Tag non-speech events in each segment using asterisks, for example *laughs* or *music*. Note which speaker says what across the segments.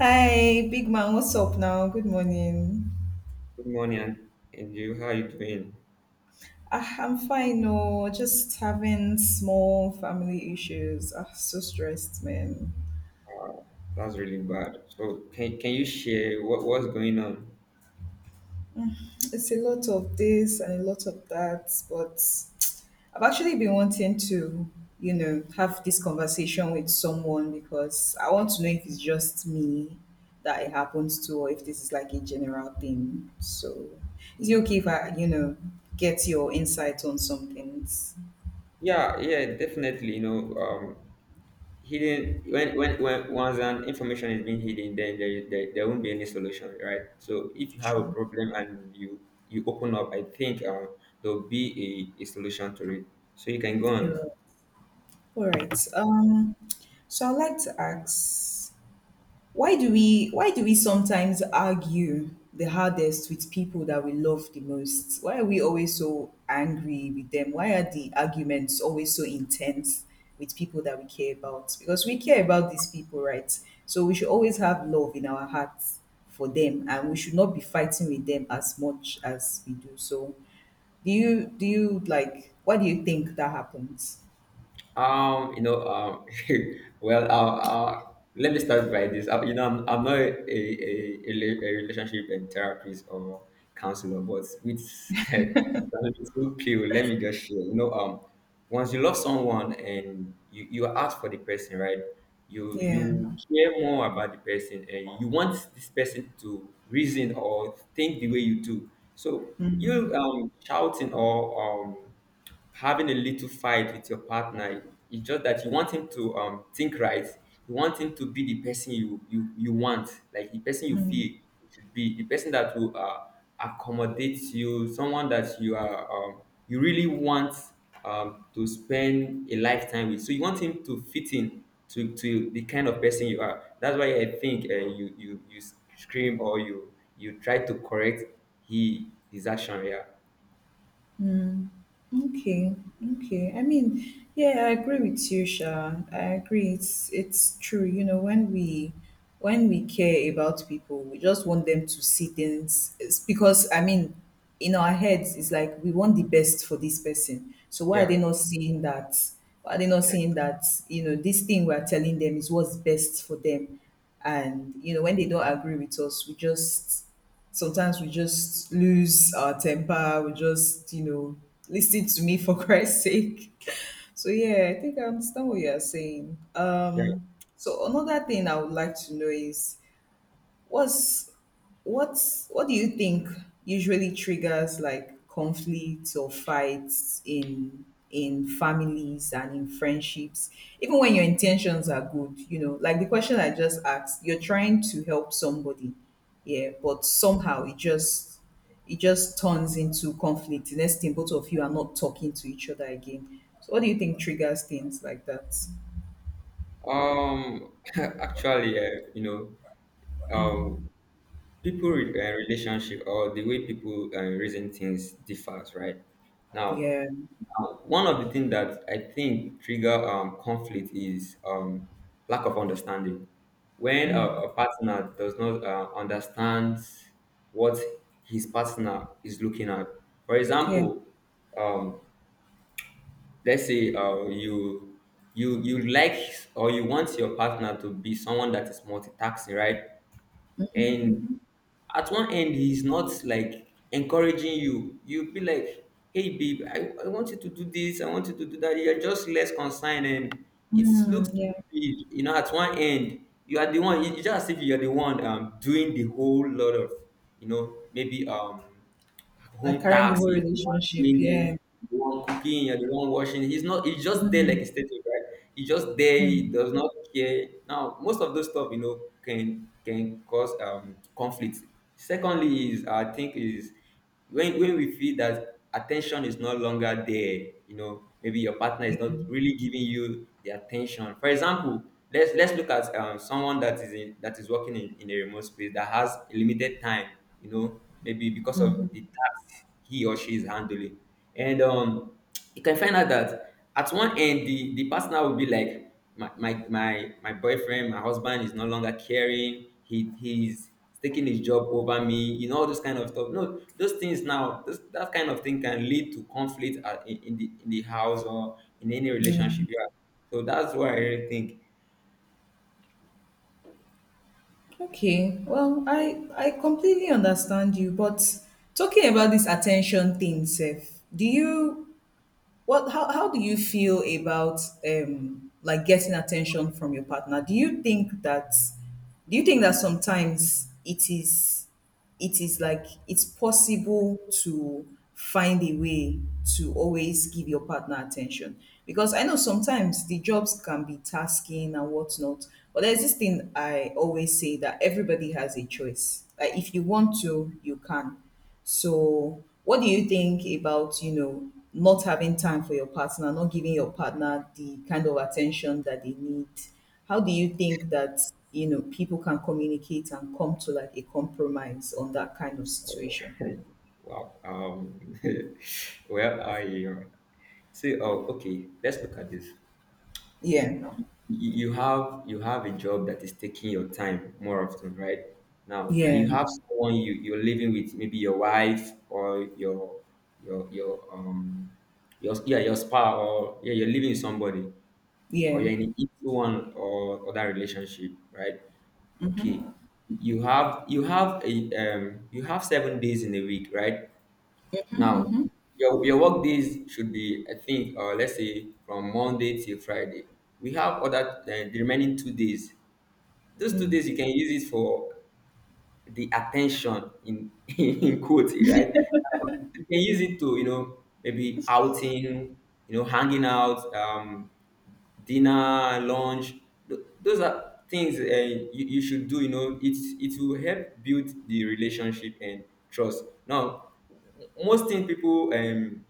Speaker 1: Hi, big man. What's up now? Good morning.
Speaker 2: Good morning, and you? How are you doing?
Speaker 1: Ah, I'm fine. No, just having small family issues. Ah, so stressed, man.
Speaker 2: That's really bad. So, can you share what's going on?
Speaker 1: It's a lot of this and a lot of that, but I've actually been wanting to, you know, have this conversation with someone because I want to know if it's just me that it happens to, or if this is like a general thing. So, is it okay if I, you know, get your insight on some things?
Speaker 2: Yeah, yeah, definitely. You know, hidden when once an information is being hidden, then there won't be any solution, right? So, if you have a
Speaker 1: Sure.
Speaker 2: problem and you open up, I think there'll be a solution to it. So you can go on.
Speaker 1: You're All right. So I'd like to ask, why do we sometimes argue the hardest with people that we love the most? Why are we always so angry with them? Why are the arguments always so intense with people that we care about? Because we care about these people, right? So we should always have love in our hearts for them, and we should not be fighting with them as much as we do. So, do you? Why do you think that happens?
Speaker 2: Um, you know, um, *laughs* well, let me start by this. You know, I'm not a relationship and therapist or counselor, but with *laughs* two pill, let me just share. You know, once you love someone and you ask for the person, right? You
Speaker 1: Yeah.
Speaker 2: you care more about the person and you want this person to reason or think the way you do. So
Speaker 1: Mm.
Speaker 2: you shouting or having a little fight with your partner, it's just that you want him to think right, you want him to be the person you want, like the person you feel you should be, the person that will accommodate you, someone that you are you really want to spend a lifetime with. So you want him to fit in to the kind of person you are. That's why I think you scream or you try to correct he his action, yeah
Speaker 1: Okay, okay. I mean, yeah, I agree with you, Sha. I agree. It's true. You know, when we care about people, we just want them to see things it's because I mean, in our heads, it's like we want the best for this person. So why are
Speaker 2: yeah
Speaker 1: they not seeing that? Why are they not
Speaker 2: yeah
Speaker 1: seeing that? You know, this thing we are telling them is what's best for them, and you know, when they don't agree with us, we just sometimes we just lose our temper. We just, you know, listen to me for *laughs* Christ's sake. So yeah, I think I understand what you are saying.
Speaker 2: yeah.
Speaker 1: So another thing I would like to know is What's what's what do you think usually triggers like conflicts or fights in families and in friendships even when your intentions are good, you know, like the question I just asked, you're trying to help somebody, yeah, but somehow it just, it just turns into conflict. The next thing, both of you are not talking to each other again. So what do you think triggers things like that?
Speaker 2: *laughs* Actually, you know, relationship or the way people reason things differs, right? Now,
Speaker 1: Yeah.
Speaker 2: one of the things that I think trigger conflict is lack of understanding. When a,
Speaker 1: Mm.
Speaker 2: a partner does not understand what his partner is looking at, for
Speaker 1: Yeah.
Speaker 2: example, um, let's say you like or you want your partner to be someone that is multitasking, right? And at one end he's not like encouraging you. You be like, hey babe, I want you to do this, I want you to do that. You're just less concerned, and it looks
Speaker 1: Mm,
Speaker 2: stupid.
Speaker 1: yeah,
Speaker 2: You know, at one end you are the one, you just as if you're the one doing the whole lot of, you know, maybe
Speaker 1: like
Speaker 2: home
Speaker 1: carrying the
Speaker 2: tax,
Speaker 1: whole
Speaker 2: he's the one
Speaker 1: relationship.
Speaker 2: doing this,
Speaker 1: Yeah.
Speaker 2: the one cooking, you're the one washing. He's not, he's just there like a statue, right? He's just there, he
Speaker 1: Mm,
Speaker 2: does not care. Now, most of those stuff, you know, can cause conflict. Secondly, is I think is when we feel that attention is no longer there, you know, maybe your partner is
Speaker 1: yeah.
Speaker 2: not really giving you the attention. For example, let's look at someone that is in, that is working in a remote space that has limited time, you know, maybe because of
Speaker 1: Mhm.
Speaker 2: the task he or she is handling. And you can find out that at one end, the partner will be like, my boyfriend, my husband is no longer caring. He's taking his job over me, you know, all those kind of stuff. No, those things now, those, that kind of thing can lead to conflict at, in the house or in any
Speaker 1: Yeah.
Speaker 2: relationship. Yeah. So that's why I really think,
Speaker 1: Okay. Well, I completely understand you, but talking about this attention thing, Seth, do you Well, how do you feel about like getting attention from your partner? Do you think that, do you think that sometimes it is, it is like it's possible to find a way to always give your partner attention? Because I know sometimes the jobs can be tasking and whatnot, but there's this thing I always say that everybody has a choice. Like if you want to, you can. So, what do you think about, you know, not having time for your partner, not giving your partner the kind of attention that they need? How do you think that, you know, people can communicate and come to like a compromise on that kind of situation?
Speaker 2: wow, *laughs* well, I say, oh, okay, let's look at this.
Speaker 1: Yeah.
Speaker 2: You have, you have a job that is taking your time more often, right? Now, and you
Speaker 1: Yeah.
Speaker 2: have someone you're living with, maybe your wife or your your um your spouse, or yeah, you're living with somebody, or
Speaker 1: Yeah.
Speaker 2: you're in an equal one or other relationship, right? Okay, you have a you have 7 days in a week, right? Now, your work days should be, I think, let's say from Monday till Friday. We have other the remaining 2 days. Those 2 days you can use it for the attention in *laughs* in quotes, right? Now, you can use it to, you know, maybe outing, you know, hanging out, dinner, lunch, those are things you should do. You know, it will help build the relationship and trust. Now, most thing people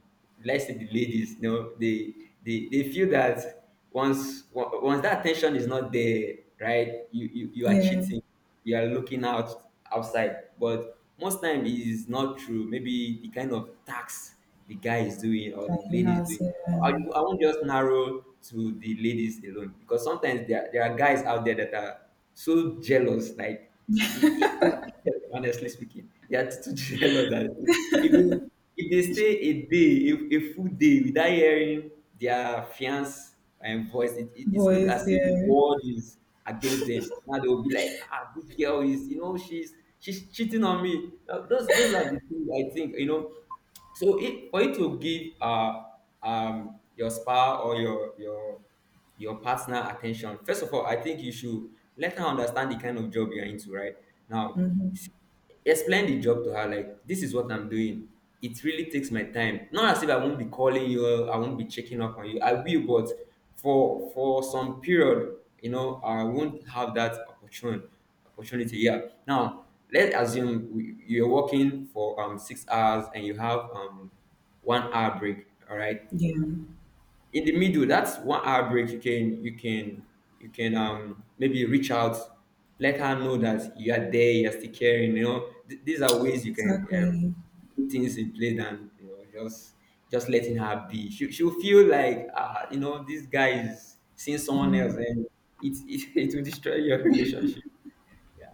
Speaker 2: let's say the ladies, you know, they feel that once that attention is not there, right, you are
Speaker 1: Yeah.
Speaker 2: cheating, you are looking out, outside, but most time it is not true. Maybe the kind of tax the guy is doing or
Speaker 1: That
Speaker 2: the
Speaker 1: it,
Speaker 2: lady is doing. I
Speaker 1: yeah.
Speaker 2: won't just narrow to the ladies alone, because sometimes there are guys out there that are so jealous, like it, it, it, *laughs* honestly speaking, they are too jealous *laughs* that if they, if they stay a day, a full day without hearing their fiance and voice, it look as
Speaker 1: Boys,
Speaker 2: if the
Speaker 1: yeah.
Speaker 2: world is against them. Now they will be like, ah, this girl is, you know, she's cheating on me. Now, those are the things I think, you know. So for you to give your spouse or your your partner attention, first of all, I think you should let her understand the kind of job you're into, right? Now, explain the job to her like, this is what I'm doing. It really takes my time. Not as if I won't be calling you or I won't be checking up on you. I will, but for some period, you know, I won't have that opportunity. Opportunity, yeah. Now, let's assume you're working for 6 hours and you have 1 hour break, all right,
Speaker 1: Yeah.
Speaker 2: in the middle. That's 1 hour break. You can, you can maybe reach out, let her know that you are there, you're still caring, you know. These are ways you can
Speaker 1: Exactly.
Speaker 2: put things in place than, you know, just letting her be. She'll feel like, you know, this guy is seeing someone else, and *laughs* it will destroy your *laughs* relationship, yeah.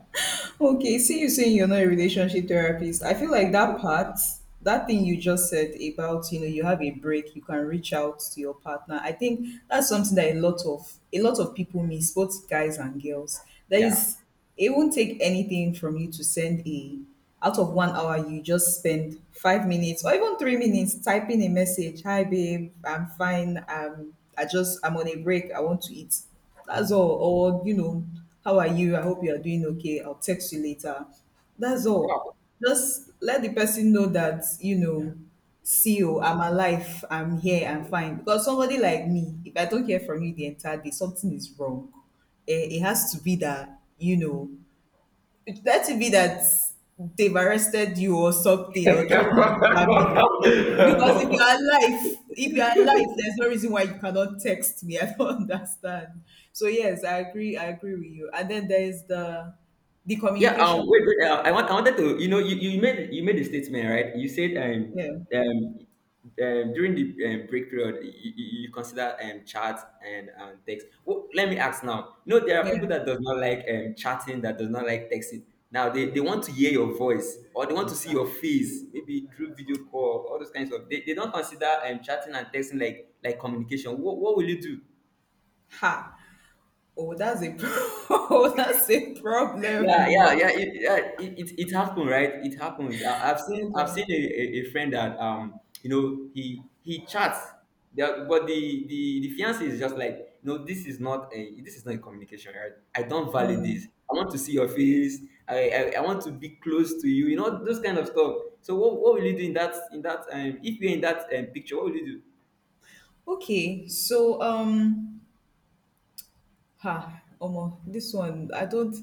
Speaker 1: Okay, see you, saying you're not a relationship therapist. I feel like that part, that thing you just said about, you know, you have a break, you can reach out to your partner. I think that's something that a lot of people miss, both guys and girls. There
Speaker 2: Yeah,
Speaker 1: is, it won't take anything from you to send a, out of 1 hour you just spend 5 minutes or even 3 minutes typing a message. Hi babe, I'm fine. I just, I'm on a break. I want to eat. That's all. Or, you know, how are you? I hope you are doing okay. I'll text you later. That's all. Just let the person know that, you know, see you, I'm alive, I'm here, I'm fine. Because somebody like me, if I don't hear from you the entire day, something is wrong. Eh, it has to be that, you know, it has to be that they've arrested you or something, or thriller jam you. Because if you
Speaker 2: wow. *laughs*
Speaker 1: are alive, if you are alive, there's no reason why you cannot text me. *laughs* I don't understand. So yes, I agree. I agree with you. And then there is the
Speaker 2: Yeah.
Speaker 1: communication
Speaker 2: Wait.
Speaker 1: part.
Speaker 2: I want. I wanted to. You know. You made. You made a statement, right? You said
Speaker 1: Yeah,
Speaker 2: um, during the break period, you consider chat and text. Well, let me ask now. You know, there are people
Speaker 1: yeah.
Speaker 2: that does not like chatting, that does not like texting. Now they want to hear your voice or they want to see your face, maybe through video call, all those kinds of. They don't consider chatting and texting like communication. What will you do?
Speaker 1: Ha. Oh, that's a *laughs* oh, that's a problem.
Speaker 2: Yeah, yeah,
Speaker 1: Oh.
Speaker 2: yeah. Yeah, it happens, right? It happens. I've seen I've seen
Speaker 1: uh,
Speaker 2: a friend that you know he chats, but the the fiance is just like, no, this is not a, this is not a communication, right? I don't value this. I want to see your face. I want to be close to you. You know, those kind of stuff. So what will you do in that, in that if you're in that picture? What will you
Speaker 1: Okay, so. Ha, Omo, this one I don't.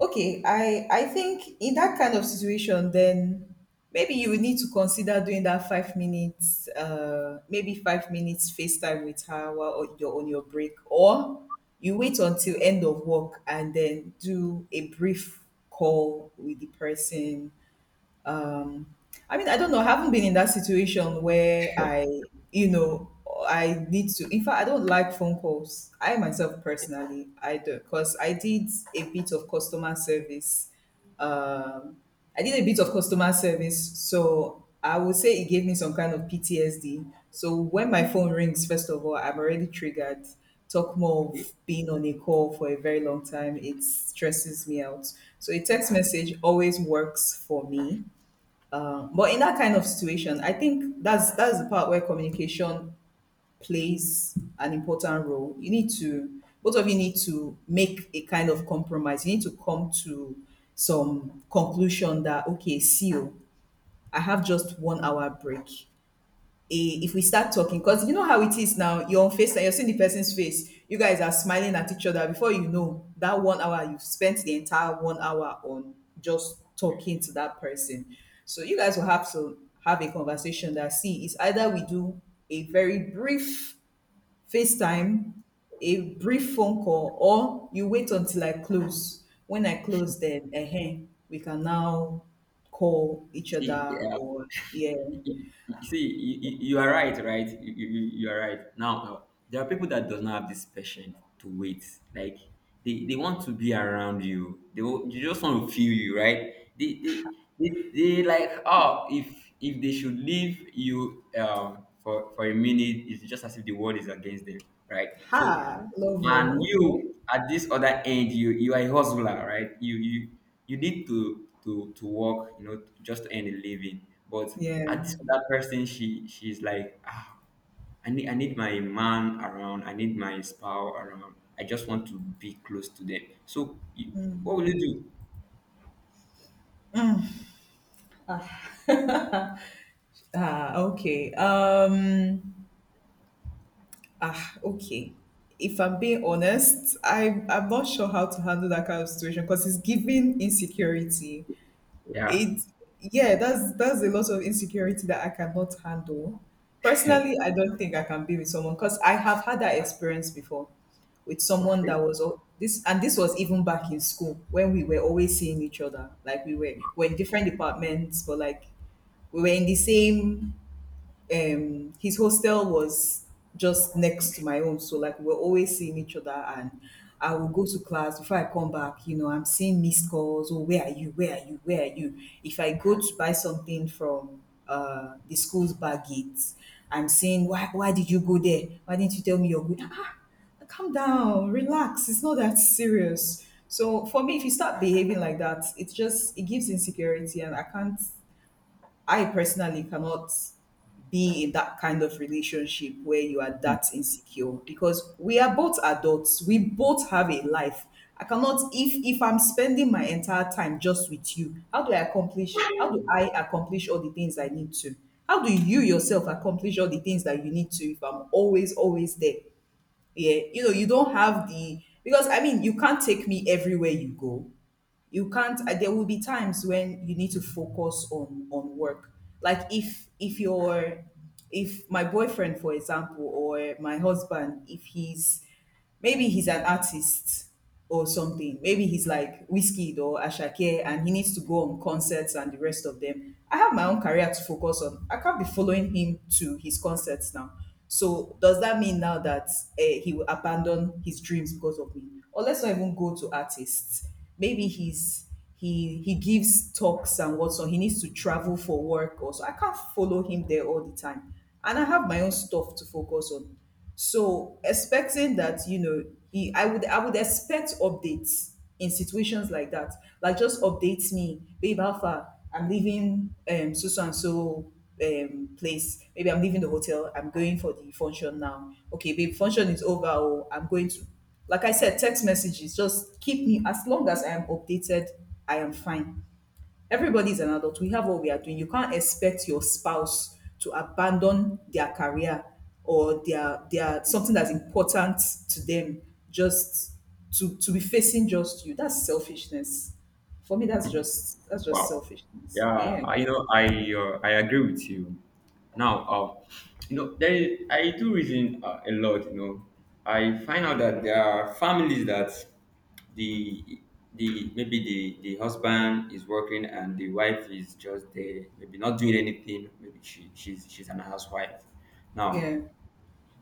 Speaker 1: Okay, I think in that kind of situation, then maybe you would need to consider doing that 5 minutes, maybe 5 minutes FaceTime with her while you're on your break, or you wait until end of work and then do a brief call with the person. um I mean, I don't know, I haven't been in that situation where I, you know, I need to. In fact, I don't like phone calls, I myself personally, I do because I did a bit of customer service. um I did a bit of customer service, so I would say it gave me some kind of PTSD. So when my phone rings, first of all, I'm already triggered, talk more
Speaker 2: do?
Speaker 1: of being on a call for a very long time. It stresses me out. So a text message always works for me. But in that kind of situation, I think that's the part where communication plays an important role. You need to, both of you need to make a kind of compromise. You need to come to some conclusion that okay, see you, I have just 1 hour break. A if we start talking, because you know how it is, now you're on face and you're seeing the person's face, you guys are smiling at each other, before you know, that 1 hour, you've spent the entire 1 hour on just talking to that person. So you guys will have to have a conversation that, see, it's either we do a very brief FaceTime, a brief phone call, or you wait until I close. When I close, then we can now call each
Speaker 2: See,
Speaker 1: other, or yeah.
Speaker 2: you you are right, you are right. Now there are people that does not have this patience to wait, like they want to be around you. You just want to feel you, right? They like, oh, if they should leave you for a minute, it's just as if the world is against them, right? So,
Speaker 1: Ha,
Speaker 2: and
Speaker 1: Lovo. Okay.
Speaker 2: you at this other end, you are a hustler, right? You you need to to work, you know, just to earn a living, but at this other person, she's like, ah, I need my man around, I need my spouse around, I just want to be close to them. So you, what will you do,
Speaker 1: Yeah. *laughs* Ah, okay. Ah, okay. If I'm being honest, I'm not sure how to handle that kind of situation because it's giving insecurity.
Speaker 2: yeah,
Speaker 1: It, yeah, that's a lot of insecurity that I cannot handle. Personally, I don't think I can be with someone, because I have had that experience before with someone that
Speaker 2: okay.
Speaker 1: was this, and this was even back in school when we were always seeing each other. Like we're in different departments, but like we were in the same, his hostel was just next to my own, so like we're always seeing each other, and I will go to class. Before I come back, you know, I'm seeing missed calls, oh where are you, where are you, where are you? If I go to buy something from the school's back gates, I'm saying why did you go there, why didn't you tell me you're good? Ah, ah, calm down, relax, it's not that serious. So for me, if you start behaving like that, it's just, it gives insecurity, and I can't, I personally cannot be in that kind of relationship where you are that insecure, because we are both adults. We both have a life. I cannot, if if I'm spending my entire time just with you, how do I accomplish all the things I need to? How do you yourself accomplish all the things that you need to if I'm always always there? Yeah, you know, you don't have the, because I mean, you can't take me everywhere you go, you can't there will be times when you need to focus on work. Like if your, if my boyfriend, for example, or my husband, if he's, maybe he's an artist or something, maybe he's like Whiskey or Ashake, and he needs to go on concerts and the rest of them, I have my own career to focus on. I can't be following him to his concerts now. So does that mean now that, eh, he will abandon his dreams because of me? Or let's not even go to artists. Maybe he's, he gives talks and whatnot. He needs to travel for work or so. I can't follow him there all the time, and I have my own stuff to focus on. So expecting that, you know, he, I would expect updates in situations like that. Like just update me, babe, how far, I'm leaving so so and so place. Maybe I'm leaving the hotel, I'm going for the function now. Okay, babe, function is over, or I'm going to, like I said, text messages, just keep me, as long as I am updated, I am fine. Everybody's an adult. We have what we are doing. You can't expect your spouse to abandon their career or their something that's important to them just to be facing just you. That's selfishness. For me, that's just
Speaker 2: Wow. Yeah,
Speaker 1: selfishness. Yeah.
Speaker 2: I, you know, I agree with you. Now, you know, there is, I do reason a lot. You know, I find out that there are families that the the maybe the husband is working and the wife is just there, maybe not doing anything. Maybe she's she's an housewife. Now,
Speaker 1: Yeah.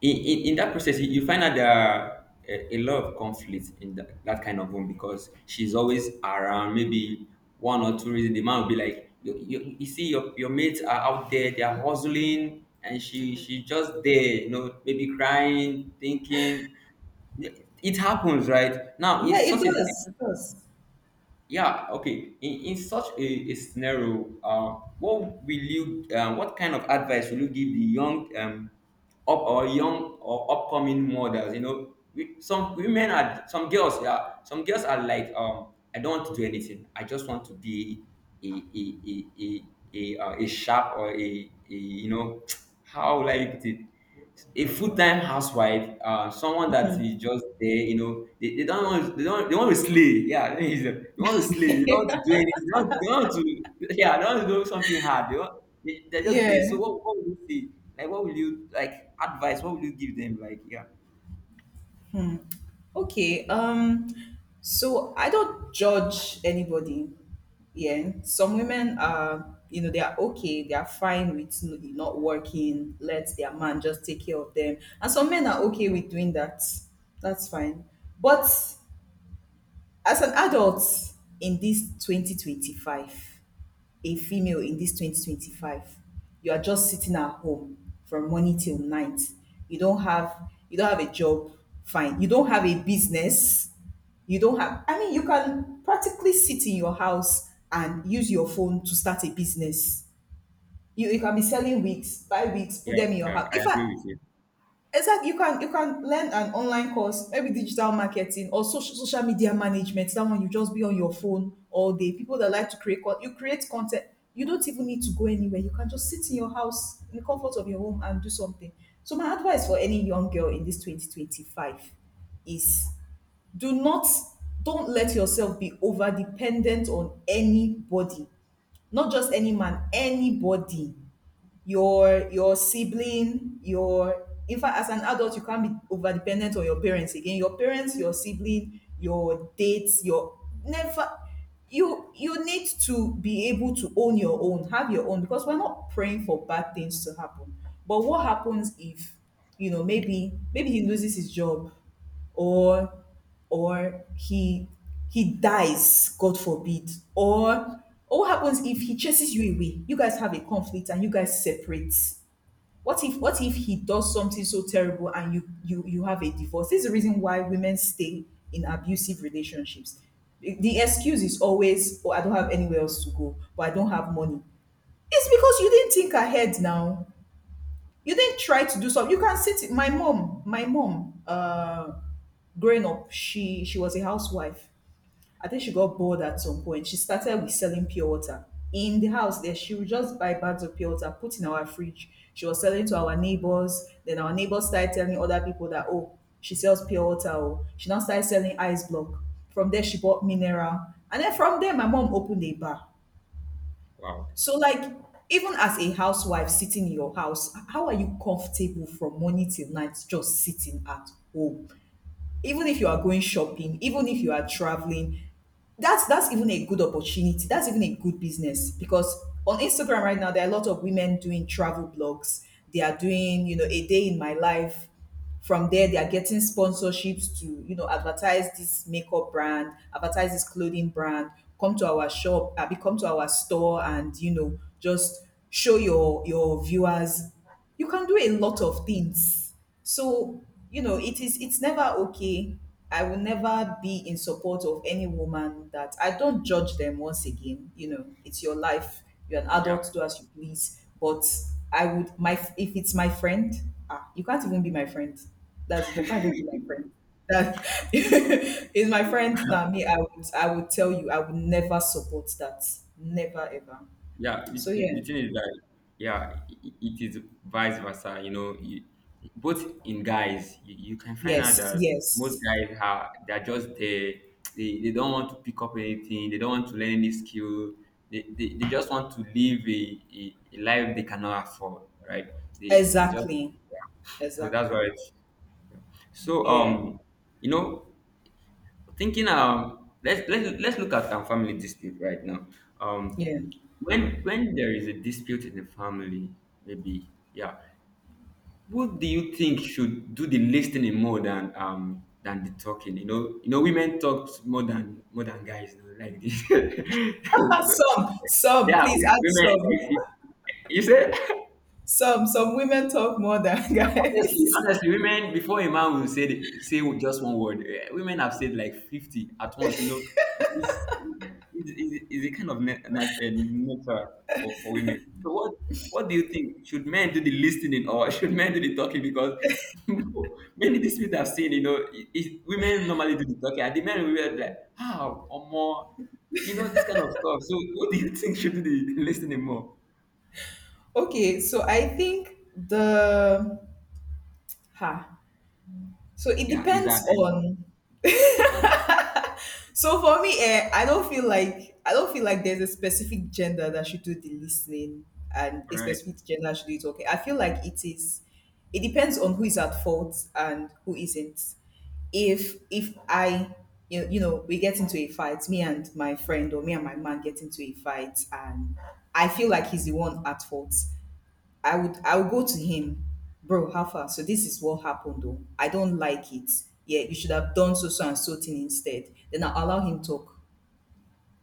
Speaker 2: in that process you find out there are a lot of conflicts in that kind of home because she's always around maybe one or two reasons. The man will be like, you see your mates are out there, they are hustling and she just there, you know, maybe crying thinking it happens right now.
Speaker 1: Yeah,
Speaker 2: It's
Speaker 1: it
Speaker 2: such a
Speaker 1: does. It does.
Speaker 2: yeah. Okay, in such a scenario, what will you what kind of advice will you give the young up or young or upcoming mothers? You know, some women are some girls, yeah, some girls are like, I don't want to do anything, I just want to be a a a a, a sharp or a, you know, *tsk* how will I put it, a full-time housewife, someone that is just there, you know, they don't want, they don't they want to slay. Yeah, *laughs* they want to slay, they don't want to do anything, they don't want to, yeah, they want to do something hard. They want, they're just there. So
Speaker 1: Yeah.
Speaker 2: what would you say? Like what will you like advice, what will you give them? Like yeah.
Speaker 1: Okay. Um, so I don't judge anybody. Yeah. Some women are, you know, they are okay. They are fine with not working. Let their man just take care of them. And some men are okay with doing that. That's fine. But as an adult in this 2025, a female in this 2025, you are just sitting at home from morning till night. You don't have a job, fine. You don't have a business. You don't have I mean you can practically sit in your house and use your phone to start a business. You can be selling wigs, buy wigs, put
Speaker 2: Yeah,
Speaker 1: them in your
Speaker 2: yeah,
Speaker 1: house.
Speaker 2: I
Speaker 1: In fact,
Speaker 2: agree with you.
Speaker 1: exactly, you can learn an online course, maybe digital marketing or social media management. Someone you just be on your phone all day. People that like to create you create content. You don't even need to go anywhere. You can just sit in your house in the comfort of your home and do something. So my advice for any young girl in this 2025 is do not, don't let yourself be over dependent on anybody. Not just any man, anybody, your sibling, your in fact as an adult you can't be over dependent on your parents again, your parents, your sibling, your dates, your never. You need to be able to own your own, have your own, because we're not praying for bad things to happen, but what happens if, you know, maybe he loses his job, or or he he dies, god forbid, or what happens if he chases you away, you guys have a conflict and you guys separate. What if he does something so terrible and you have a divorce? This is the reason why women stay in abusive relationships. The excuse is always, oh, I don't have anywhere else to go, or I don't have money. It's because you didn't think ahead. Now you didn't try to do something. You can sit. My mom, growing up, she was a housewife. I think she got bored at some point. She started with selling pure water in the house. There, she would just buy bags of pure water, put in our fridge. She was selling to our neighbors. Then our neighbors started telling other people that, oh, she sells pure water. Oh, she now started selling ice block. From there, she bought mineral, and then from there, my mom opened a bar.
Speaker 2: Wow.
Speaker 1: So, like, even as a housewife sitting in your house, how are you comfortable from morning till night just sitting at home? Even if you are going shopping, even if you are traveling, that's even a good opportunity. That's even a good business because on Instagram right now there are a lot of women doing travel blogs. They are doing, you know, a day in my life. From there, they are getting sponsorships to, you know, advertise this makeup brand, advertise this clothing brand, come to our shop, come to our store, and, you know, just show your viewers. You can do a lot of things. So, you know, it is, it's never okay. I will never be in support of any woman that, I don't judge them once again. You know, it's your life. You're an
Speaker 2: Yeah.
Speaker 1: adult, do as you please. But I would, my, if it's my friend, ah, you can't even be my friend. That's it. You can't even be my friend. That *laughs* is my friend. Now me, I would tell you I would never support that. Never ever.
Speaker 2: Yeah,
Speaker 1: So
Speaker 2: the
Speaker 1: yeah.
Speaker 2: thing is that yeah, it is vice versa. You know, both in guys, you can find out
Speaker 1: Yes,
Speaker 2: that most
Speaker 1: yes.
Speaker 2: guys are they're just there. They don't want to pick up anything. They don't want to learn any skill. They just want to live a life they cannot afford, right? They just
Speaker 1: Exactly.
Speaker 2: so that's why
Speaker 1: Exactly.
Speaker 2: it's so
Speaker 1: Yeah.
Speaker 2: you know thinking let's look at our family dispute right now, um
Speaker 1: Yeah.
Speaker 2: when there is a dispute in the family, maybe, yeah, who do you think should do the listening more than the talking? You know, you know, women talk more than guys, you know, like this.
Speaker 1: *laughs*
Speaker 2: *laughs*
Speaker 1: Some,
Speaker 2: Yeah,
Speaker 1: please add
Speaker 2: women,
Speaker 1: some.
Speaker 2: like you said. *laughs*
Speaker 1: Some women talk more than *laughs*
Speaker 2: Honestly,
Speaker 1: guys.
Speaker 2: honestly, women, before a man will say say just one word, eh, women have said like 50 at once. You know, it's it's a kind of natural for women. So what do you think? Should men do the listening or *laughs* should men do the talking? Because *laughs* many disputes I've seen, you know, women normally do the talking, and the men will be like, how or more, you know, this kind of stuff. So what do you *laughs* think should do the listening more?
Speaker 1: Okay, so I think the ha, so it
Speaker 2: Yeah, is that
Speaker 1: depends
Speaker 2: I know,
Speaker 1: on. *laughs* so for me, eh, I don't feel like there's a specific gender that should do the listening and a
Speaker 2: right?
Speaker 1: specific gender that should do the talking. I feel like it is. It depends on who is at fault and who isn't. If I, you know, we get into a fight, me and my friend or me and my man get into a fight, and I feel like he's the one at fault. I would go to him, bro, how far? So this is what happened though. I don't like it. Yeah, you should have done so so and so thing instead. Then I'll allow him talk.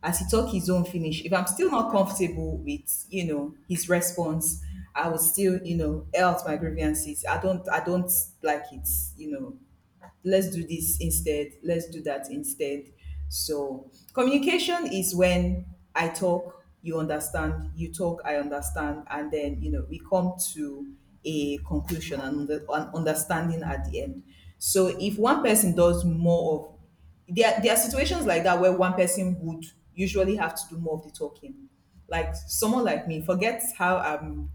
Speaker 1: As he talk his own finish, if I'm still not comfortable with, you know, his response, I would still, you know, air out my grievances. I don't like it, you know, let's do this instead, let's do that instead. So, communication is when I talk, you understand, you talk, I understand, and then, you know, we come to a conclusion and an understanding at the end. So, if one person does more of, there are situations like that where one person would usually have to do more of the talking. Like someone like me, forget how I'm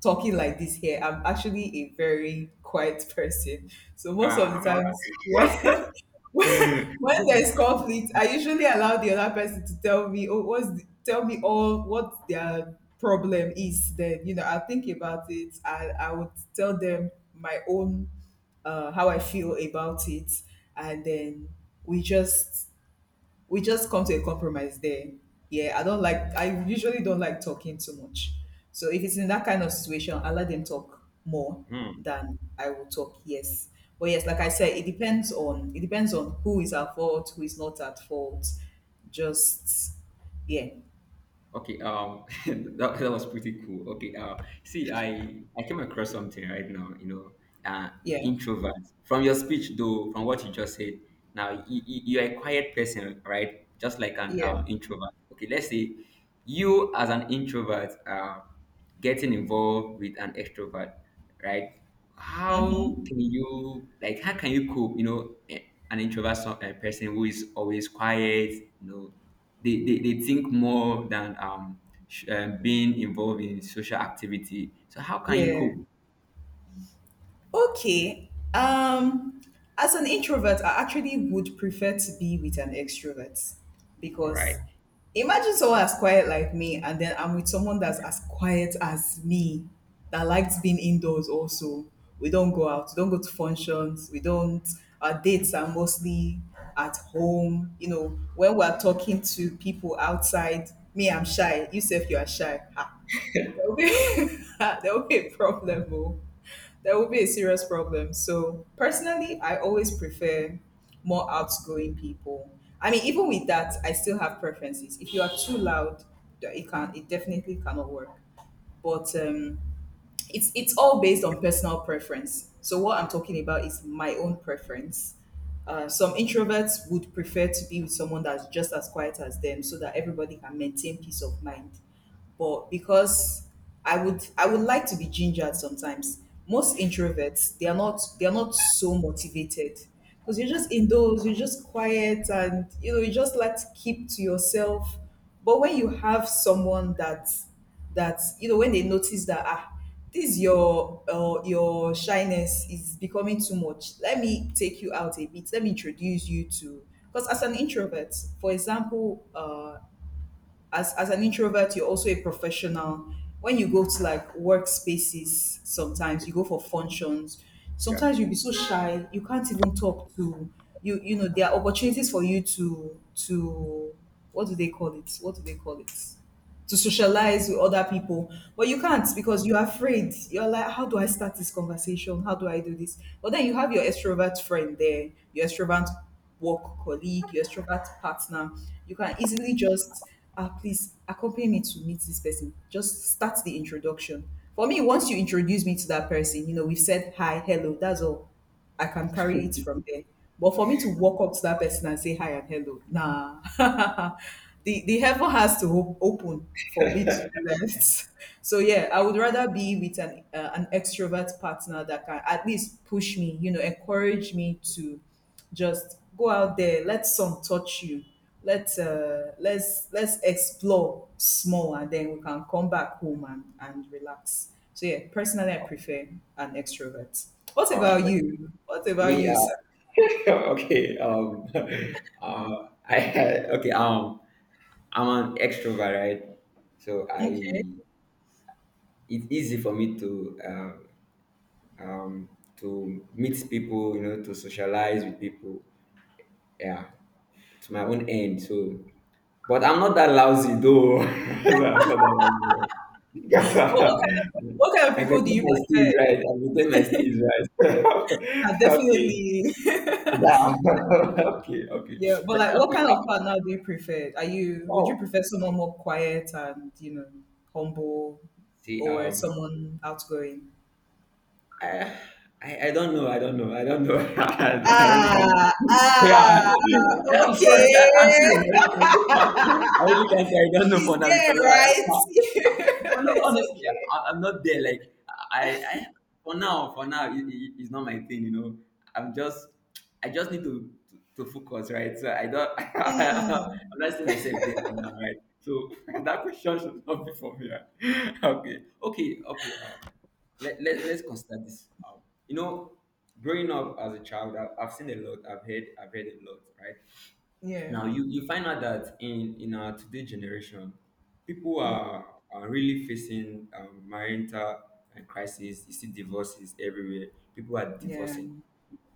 Speaker 1: talking like this here. I'm actually a very quiet person. So most of
Speaker 2: Ah.
Speaker 1: the times when *laughs* when, when
Speaker 2: *laughs*
Speaker 1: there's conflict, I usually allow the other person to tell me, oh, tell me all what their problem is. Then you know, I'll think about it. I would tell them my own, how I feel about it, and then we just we just come to a compromise there. Yeah, I don't like, I usually don't like talking too much. So if it's in that kind of situation, I let them talk more
Speaker 2: Hmm.
Speaker 1: than I will talk. Yes. But yes, like I said, it depends on who is at fault, who is not at fault. Just, yeah,
Speaker 2: Okay. *laughs* That, that was pretty cool. Okay. See, I came across something right now. You know, uh,
Speaker 1: yeah,
Speaker 2: introverts. From your speech, though, from what you just said, now, you, you are a quiet person, right? Just like an
Speaker 1: yeah,
Speaker 2: introvert. Okay, let's say you, as an introvert, getting involved with an extrovert, right? How can you like? How can you cope? You know, eh, an introvert person who is always quiet. You know, they think more than being involved in social activity. So how can you
Speaker 1: yeah.
Speaker 2: cope?
Speaker 1: Okay. Um, as an introvert, I actually would prefer to be with an extrovert
Speaker 2: All right.
Speaker 1: because imagine someone as quiet like me, and then I'm with someone that's as quiet as me that likes being indoors. Also, we don't go out, we don't go to functions, we don't. Our dates are mostly at home. You know, when we're talking to people outside, me, I'm shy. You, yourself, you are shy, there will be *laughs* there will be a problem. Oh. There will be a serious problem. So personally, I always prefer more outgoing people. I mean, even with that, I still have preferences. If you are too loud, it definitely cannot work. But It's all based on personal preference. So what I'm talking about is my own preference. Some introverts would prefer to be with someone that's just as quiet as them, so that everybody can maintain peace of mind. But because I would like to be gingered sometimes. Most introverts they are not so motivated because you're just indoors, you're just quiet, and you know you just like to keep to yourself. But when you have someone that you know, when they notice that ah, this your shyness is becoming too much, let me take you out a bit, let me introduce you to, because as an introvert, for example, as an introvert, you're also a professional. When you go to like workspaces, sometimes you go for functions,
Speaker 2: Yeah.
Speaker 1: sometimes you'll be so shy you can't even talk to, you know, there are opportunities for you to, what do they call it, to socialize with other people. But you can't because you're afraid. You're like, how do I start this conversation? How do I do this? But then you have your extrovert friend there, your extrovert work colleague, your extrovert partner. You can easily just, ah, please accompany me to meet this person. Just start the introduction. For me, once you introduce me to that person, you know, we've said hi, hello, that's all. I can carry it from there. But for me to walk up to that person and say hi and hello, nah. *laughs* The heaven has to open for me to do that. *laughs* So yeah, I would rather be with an extrovert partner that can at least push me, you know, encourage me to. Just go out there, let some touch you. Let let's explore small, and then we can come back home and relax. So yeah, personally, I prefer an extrovert. What
Speaker 2: Wow.
Speaker 1: about
Speaker 2: Like,
Speaker 1: you? What about
Speaker 2: me.
Speaker 1: you, sir?
Speaker 2: *laughs* Okay, *laughs* I had okay, I'm an extrovert, right? So
Speaker 1: Okay.
Speaker 2: I, it's easy for me um, to meet people, you know, to socialize with people. Yeah, to my own end. So, but I'm not that lousy though. *laughs* So I'm not that lousy. *laughs*
Speaker 1: But what kind of
Speaker 2: I
Speaker 1: people do
Speaker 2: maintain
Speaker 1: you
Speaker 2: my
Speaker 1: prefer?
Speaker 2: steeds right. I maintain my steeds right.
Speaker 1: Ah,
Speaker 2: *laughs* Okay.
Speaker 1: definitely.
Speaker 2: Yeah.
Speaker 1: *laughs*
Speaker 2: *laughs* Okay. Okay. Okay.
Speaker 1: Yeah, but like, what
Speaker 2: Okay.
Speaker 1: kind of
Speaker 2: I-
Speaker 1: partner do you prefer? Are you would you
Speaker 2: Oh,
Speaker 1: prefer someone more quiet and, you know, humble,
Speaker 2: see,
Speaker 1: or someone outgoing?
Speaker 2: I, I don't know. I don't know. I don't know. *laughs* I really can't.
Speaker 1: Ah,
Speaker 2: Yeah, *laughs*
Speaker 1: ah,
Speaker 2: I'm sorry. I'm
Speaker 1: okay.
Speaker 2: serious. *laughs*
Speaker 1: *laughs*
Speaker 2: I really can't. I don't know for
Speaker 1: She's
Speaker 2: now
Speaker 1: there,
Speaker 2: because
Speaker 1: right? *laughs*
Speaker 2: I, don't know.
Speaker 1: It's
Speaker 2: Honestly,
Speaker 1: okay.
Speaker 2: I'm not there. Like I for now, it's not my thing. You know, I'm just, I just need to focus, right? So I don't. *laughs* I'm
Speaker 1: Mm.
Speaker 2: not seeing myself there for now, right? So *laughs* that question should not be for me. Right? *laughs* Okay, okay, okay. Let's consider this. You know, growing up as a child, I've seen a lot, I've heard a lot, right?
Speaker 1: Yeah,
Speaker 2: Now, you find out that in our today generation, people are really facing marital crisis. You see divorces everywhere. People are
Speaker 1: yeah.
Speaker 2: divorcing,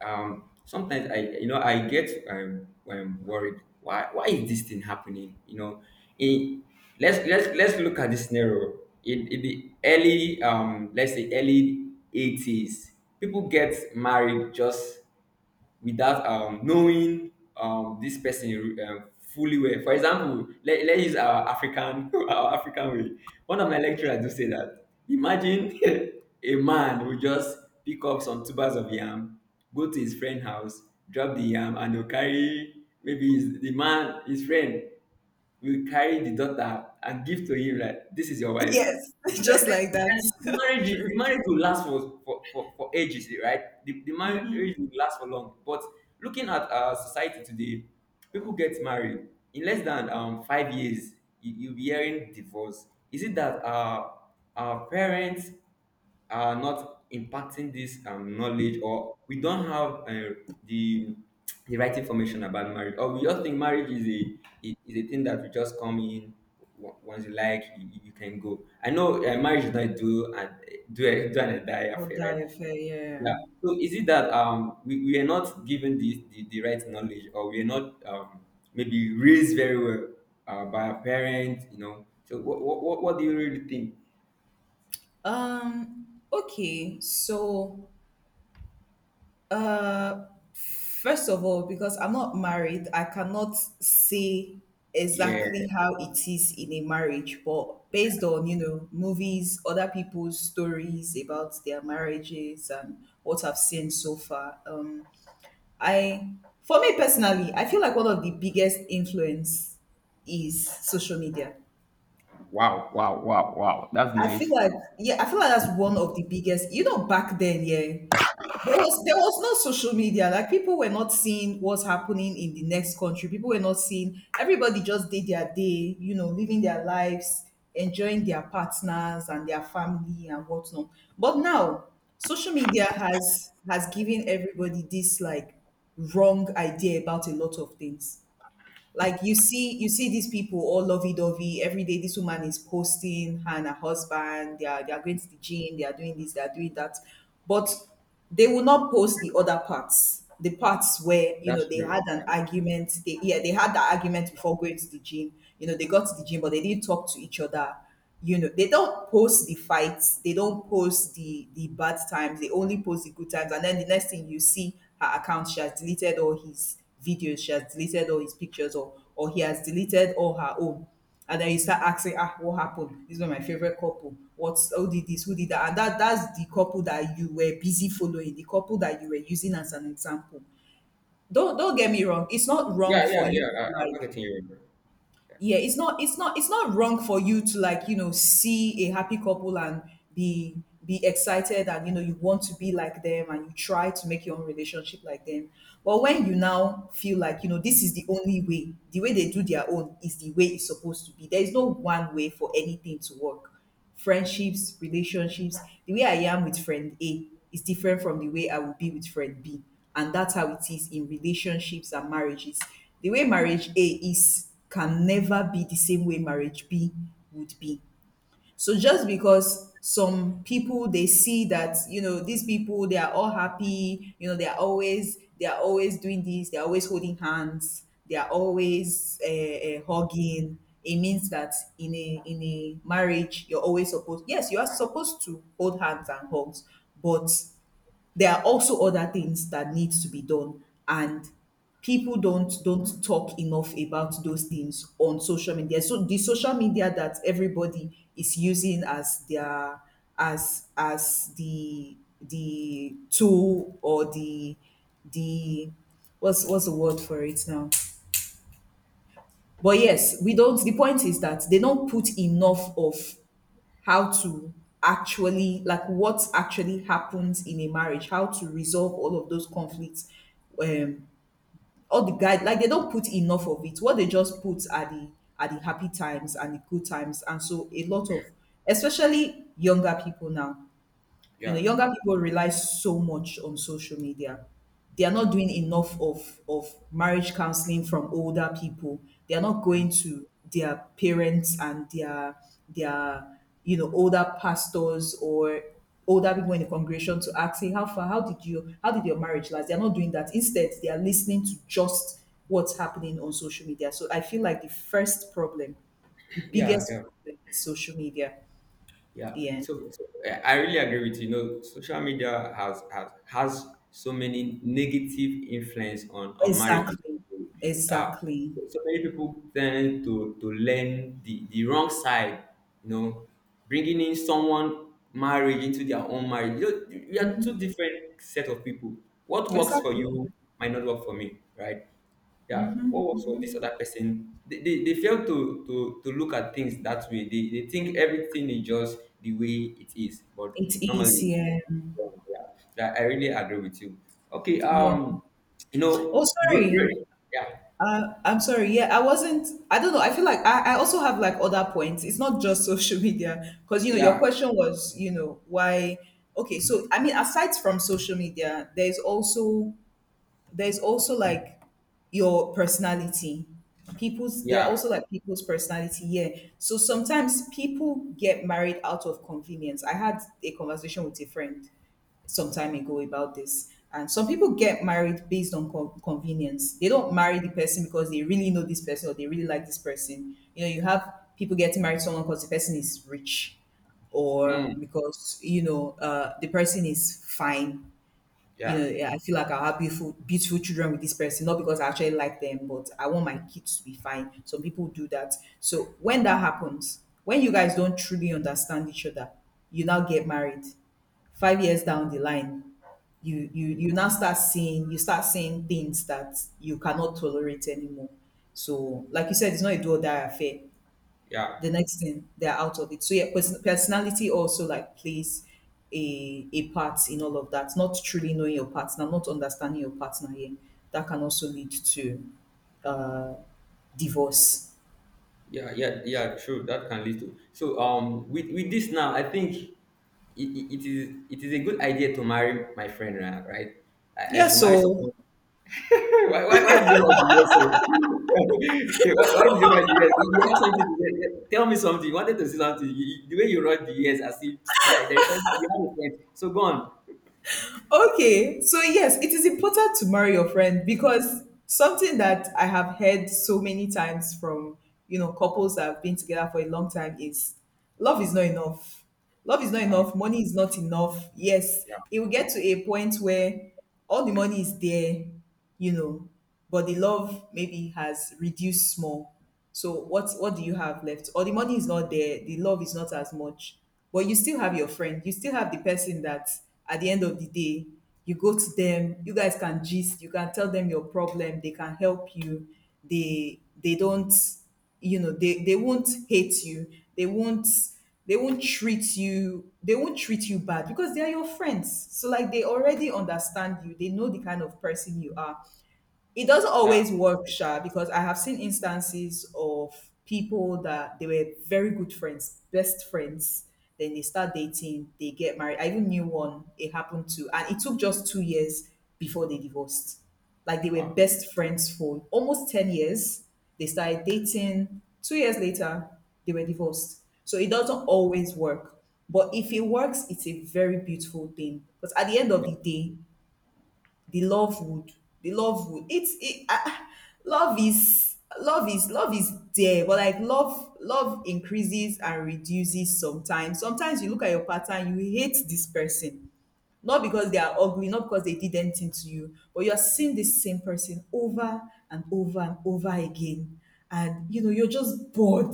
Speaker 2: sometimes I, you know, I get worried. Why is this thing happening, you know, in let's look at this scenario. In the early, let's say early 80s, people get married just without knowing this person fully well. For example, let's use our African *laughs* our African way. One of my lecturers do say that. Imagine *laughs* a man will just pick up some tubers of yam, go to his friend house, drop the yam, and he'll carry maybe his, the man, his friend, will carry the daughter and give to him like, this is your wife.
Speaker 1: Yes, *laughs*
Speaker 2: Right,
Speaker 1: just like that.
Speaker 2: and
Speaker 1: *laughs*
Speaker 2: the
Speaker 1: True.
Speaker 2: marriage will last for for ages, right? The marriage
Speaker 1: Mm-hmm.
Speaker 2: will last for long, but looking at our society today, people get married in less than 5 years, you, you'll be hearing divorce. Is it that our parents are not impacting this, knowledge, or we don't have, the the right information about marriage, or we just think marriage is a is a thing that we just come in, once you like you can go? I know, marriage is not do and do and die
Speaker 1: Or
Speaker 2: affair, right?
Speaker 1: die fair, yeah.
Speaker 2: Yeah, so is it that, we are not given the, the right knowledge, or we are not, maybe raised very well, by our parents, you know? So what do you really think?
Speaker 1: Okay, so Uh, first of all, because I'm not married, I cannot say
Speaker 2: Yeah.
Speaker 1: exactly how it is in a marriage, but based on, you know, movies, other people's stories about their marriages and what I've seen so far, I, for me personally, I feel like one of the biggest influence is social media.
Speaker 2: Wow, wow, wow, wow. That's
Speaker 1: I
Speaker 2: nice.
Speaker 1: feel like, yeah, I feel like that's one of the biggest. You know, back then, yeah, there was no social media. Like people were not seeing what's happening in the next country. People were not seeing. Everybody just did their day. You know, living their lives, enjoying their partners and their family and whatnot. But now, social media has given everybody this, like, wrong idea about a lot of things. Like, you see these people all lovey-dovey every day. This woman is posting her and her husband. They are going to the gym. They are doing this. They are doing that. But they will not post the other parts. The parts where, you know,
Speaker 2: That's
Speaker 1: they
Speaker 2: true.
Speaker 1: had an argument. They they had the argument before going to the gym. You know, they got to the gym, but they didn't talk to each other. You know, they don't post the fights, they don't post the bad times, they only post the good times. And then the next thing, you see her account, she has deleted all his videos, she has deleted all his pictures, or he has deleted all her own. And then you start asking, ah, what happened? This was my favorite couple. What's who did this, who did that? And that's the couple that you were busy following, the couple that you were using as an example. Don't get me wrong, it's not wrong
Speaker 2: Yeah,
Speaker 1: for
Speaker 2: yeah,
Speaker 1: you
Speaker 2: yeah. I,
Speaker 1: to
Speaker 2: I'm
Speaker 1: like,
Speaker 2: not getting you wrong.
Speaker 1: yeah, it's not wrong for you to, like, you know, see a happy couple and be excited, and, you know, you want to be like them and you try to make your own relationship like them. But when you now feel like, you know, this is the only way, the way they do their own is the way it's supposed to be, there is no one way for anything to work. Friendships, relationships. The way I am with friend A is different from the way I will be with friend B. And that's how it is in relationships and marriages. The way marriage A is can never be the same way marriage B would be. So just because some people, they see that, you know, these people they are all happy, you know, they are always doing this, they are always holding hands, they are always hugging. It means that in a marriage you're always supposed, yes, you are supposed to hold hands and hugs, but there are also other things that needs to be done. And people don't talk enough about those things on social media. So the social media that everybody is using as their as the tool or the what's the word for it now. But yes, we don't, the point is that they don't put enough of how to actually, like, what actually happens in a marriage, how to resolve all of those conflicts, um all the guide, like they don't put enough of it. What they just put are the happy times and the good times. And so a lot of, especially younger people now, you know,
Speaker 2: Yeah,
Speaker 1: younger people rely so much on social media. They are not doing enough of marriage counseling from older people. They are not
Speaker 2: yeah,
Speaker 1: going to their parents and their, you know, older pastors or older people in the congregation to ask, hey, how far, how did you how did your marriage last? They are not doing that. Instead, they are listening to just what's happening on social media. So I feel like the first problem, the
Speaker 2: yeah,
Speaker 1: biggest
Speaker 2: yeah,
Speaker 1: problem is social media.
Speaker 2: yeah.
Speaker 1: Yeah.
Speaker 2: So, so I really agree with you. You know, social media has so many negative influence on marriages.
Speaker 1: Exactly.
Speaker 2: Uh,
Speaker 1: Exactly.
Speaker 2: so many people tend to learn the wrong side. You know, bringing in someone marriage into their own marriage. You know, we are two different set of people. What works for
Speaker 1: Exactly.
Speaker 2: you might not work for me, right? Yeah, what
Speaker 1: Hmm.
Speaker 2: was of this other person? They fail to look at things that way. They think everything is just the way it is, but
Speaker 1: It is,
Speaker 2: normally,
Speaker 1: yeah.
Speaker 2: yeah, that I really agree with you. Okay,
Speaker 1: Yeah.
Speaker 2: you
Speaker 1: Oh,
Speaker 2: know,
Speaker 1: sorry.
Speaker 2: yeah,
Speaker 1: I'm sorry. Yeah, I wasn't. I don't know. I feel like I also have, like, other points. It's not just social *laughs* media, because, you know, your
Speaker 2: yeah,
Speaker 1: question was, you know, why. Okay, so I mean, aside from social media, there's also like your personality. People's there are
Speaker 2: yeah,
Speaker 1: also like people's personality. Yeah. So sometimes people get married out of convenience. I had a conversation with a friend some time ago about this. And some people get married based on convenience. They don't marry the person because they really know this person or they really like this person. You know, you have people getting married to someone because the person is rich, or
Speaker 2: mm,
Speaker 1: because, you know, the person is fine, you
Speaker 2: yeah,
Speaker 1: know, yeah, I feel like I'll have beautiful, beautiful children with this person, not because I actually like them, but I want my kids to be fine. Some people do that. So when that happens, when you guys don't truly understand each other, you now get married. 5 years down the line, you now start seeing, you start seeing things that you cannot tolerate anymore. So, like you said, it's not a do or die affair,
Speaker 2: yeah,
Speaker 1: the next thing they're out of it. So yeah, personality also like plays a part in all of that. Not truly knowing your partner, not understanding your partner, yeah, that can also lead to uh, divorce.
Speaker 2: yeah, yeah, yeah. True, that can lead to. So, with this now, I think it it is it is a good idea to marry my friend, right? Right? I
Speaker 1: Yeah,
Speaker 2: should marry
Speaker 1: so
Speaker 2: someone. Why why did you write the yes sir? *laughs* Why did you write the yes? You have something to say. Tell me something you wanted to say something the way you wrote the yes as if *tsk* yeah there is something. You have a point, so go on.
Speaker 1: okay, so yes, it is important to marry your friend, because something that I have heard so many times from, you know, couples that have been together for a long time is love is not enough. Love is not
Speaker 2: Uh,
Speaker 1: enough, money is not enough. Yes,
Speaker 2: yeah,
Speaker 1: it will get to a point where all the money is there, you know, but the love maybe has reduced small. So what do you have left? Or the money is not there, the love is not as much. But you still have your friend, you still have the person that at the end of the day, you go to them, you guys can gist, you can tell them your problem, they can help you, they don't, you know, they won't hate you, they won't they won't treat you bad because they are your friends. So like they already understand you, they know the kind of person you are. It doesn't
Speaker 2: yeah,
Speaker 1: always work, Sha, because I have seen instances of people that they were very good friends, best friends. Then they start dating, they get married. I even knew one it happened to, and it took just 2 years before they divorced. Like they were
Speaker 2: wow,
Speaker 1: best friends for almost 10 years. They started dating. 2 years later, they were divorced. So it doesn't always work. But if it works, it's a very beautiful thing. Because at the end of
Speaker 2: yeah,
Speaker 1: the day, the love would the love would it's it love is love is there, but like love increases and reduces. Sometimes, sometimes you look at your partner, you hate this person, not because they are ugly, not because they did anything to you, but you're seeing this same person over and over again. And, you know, you're just bored,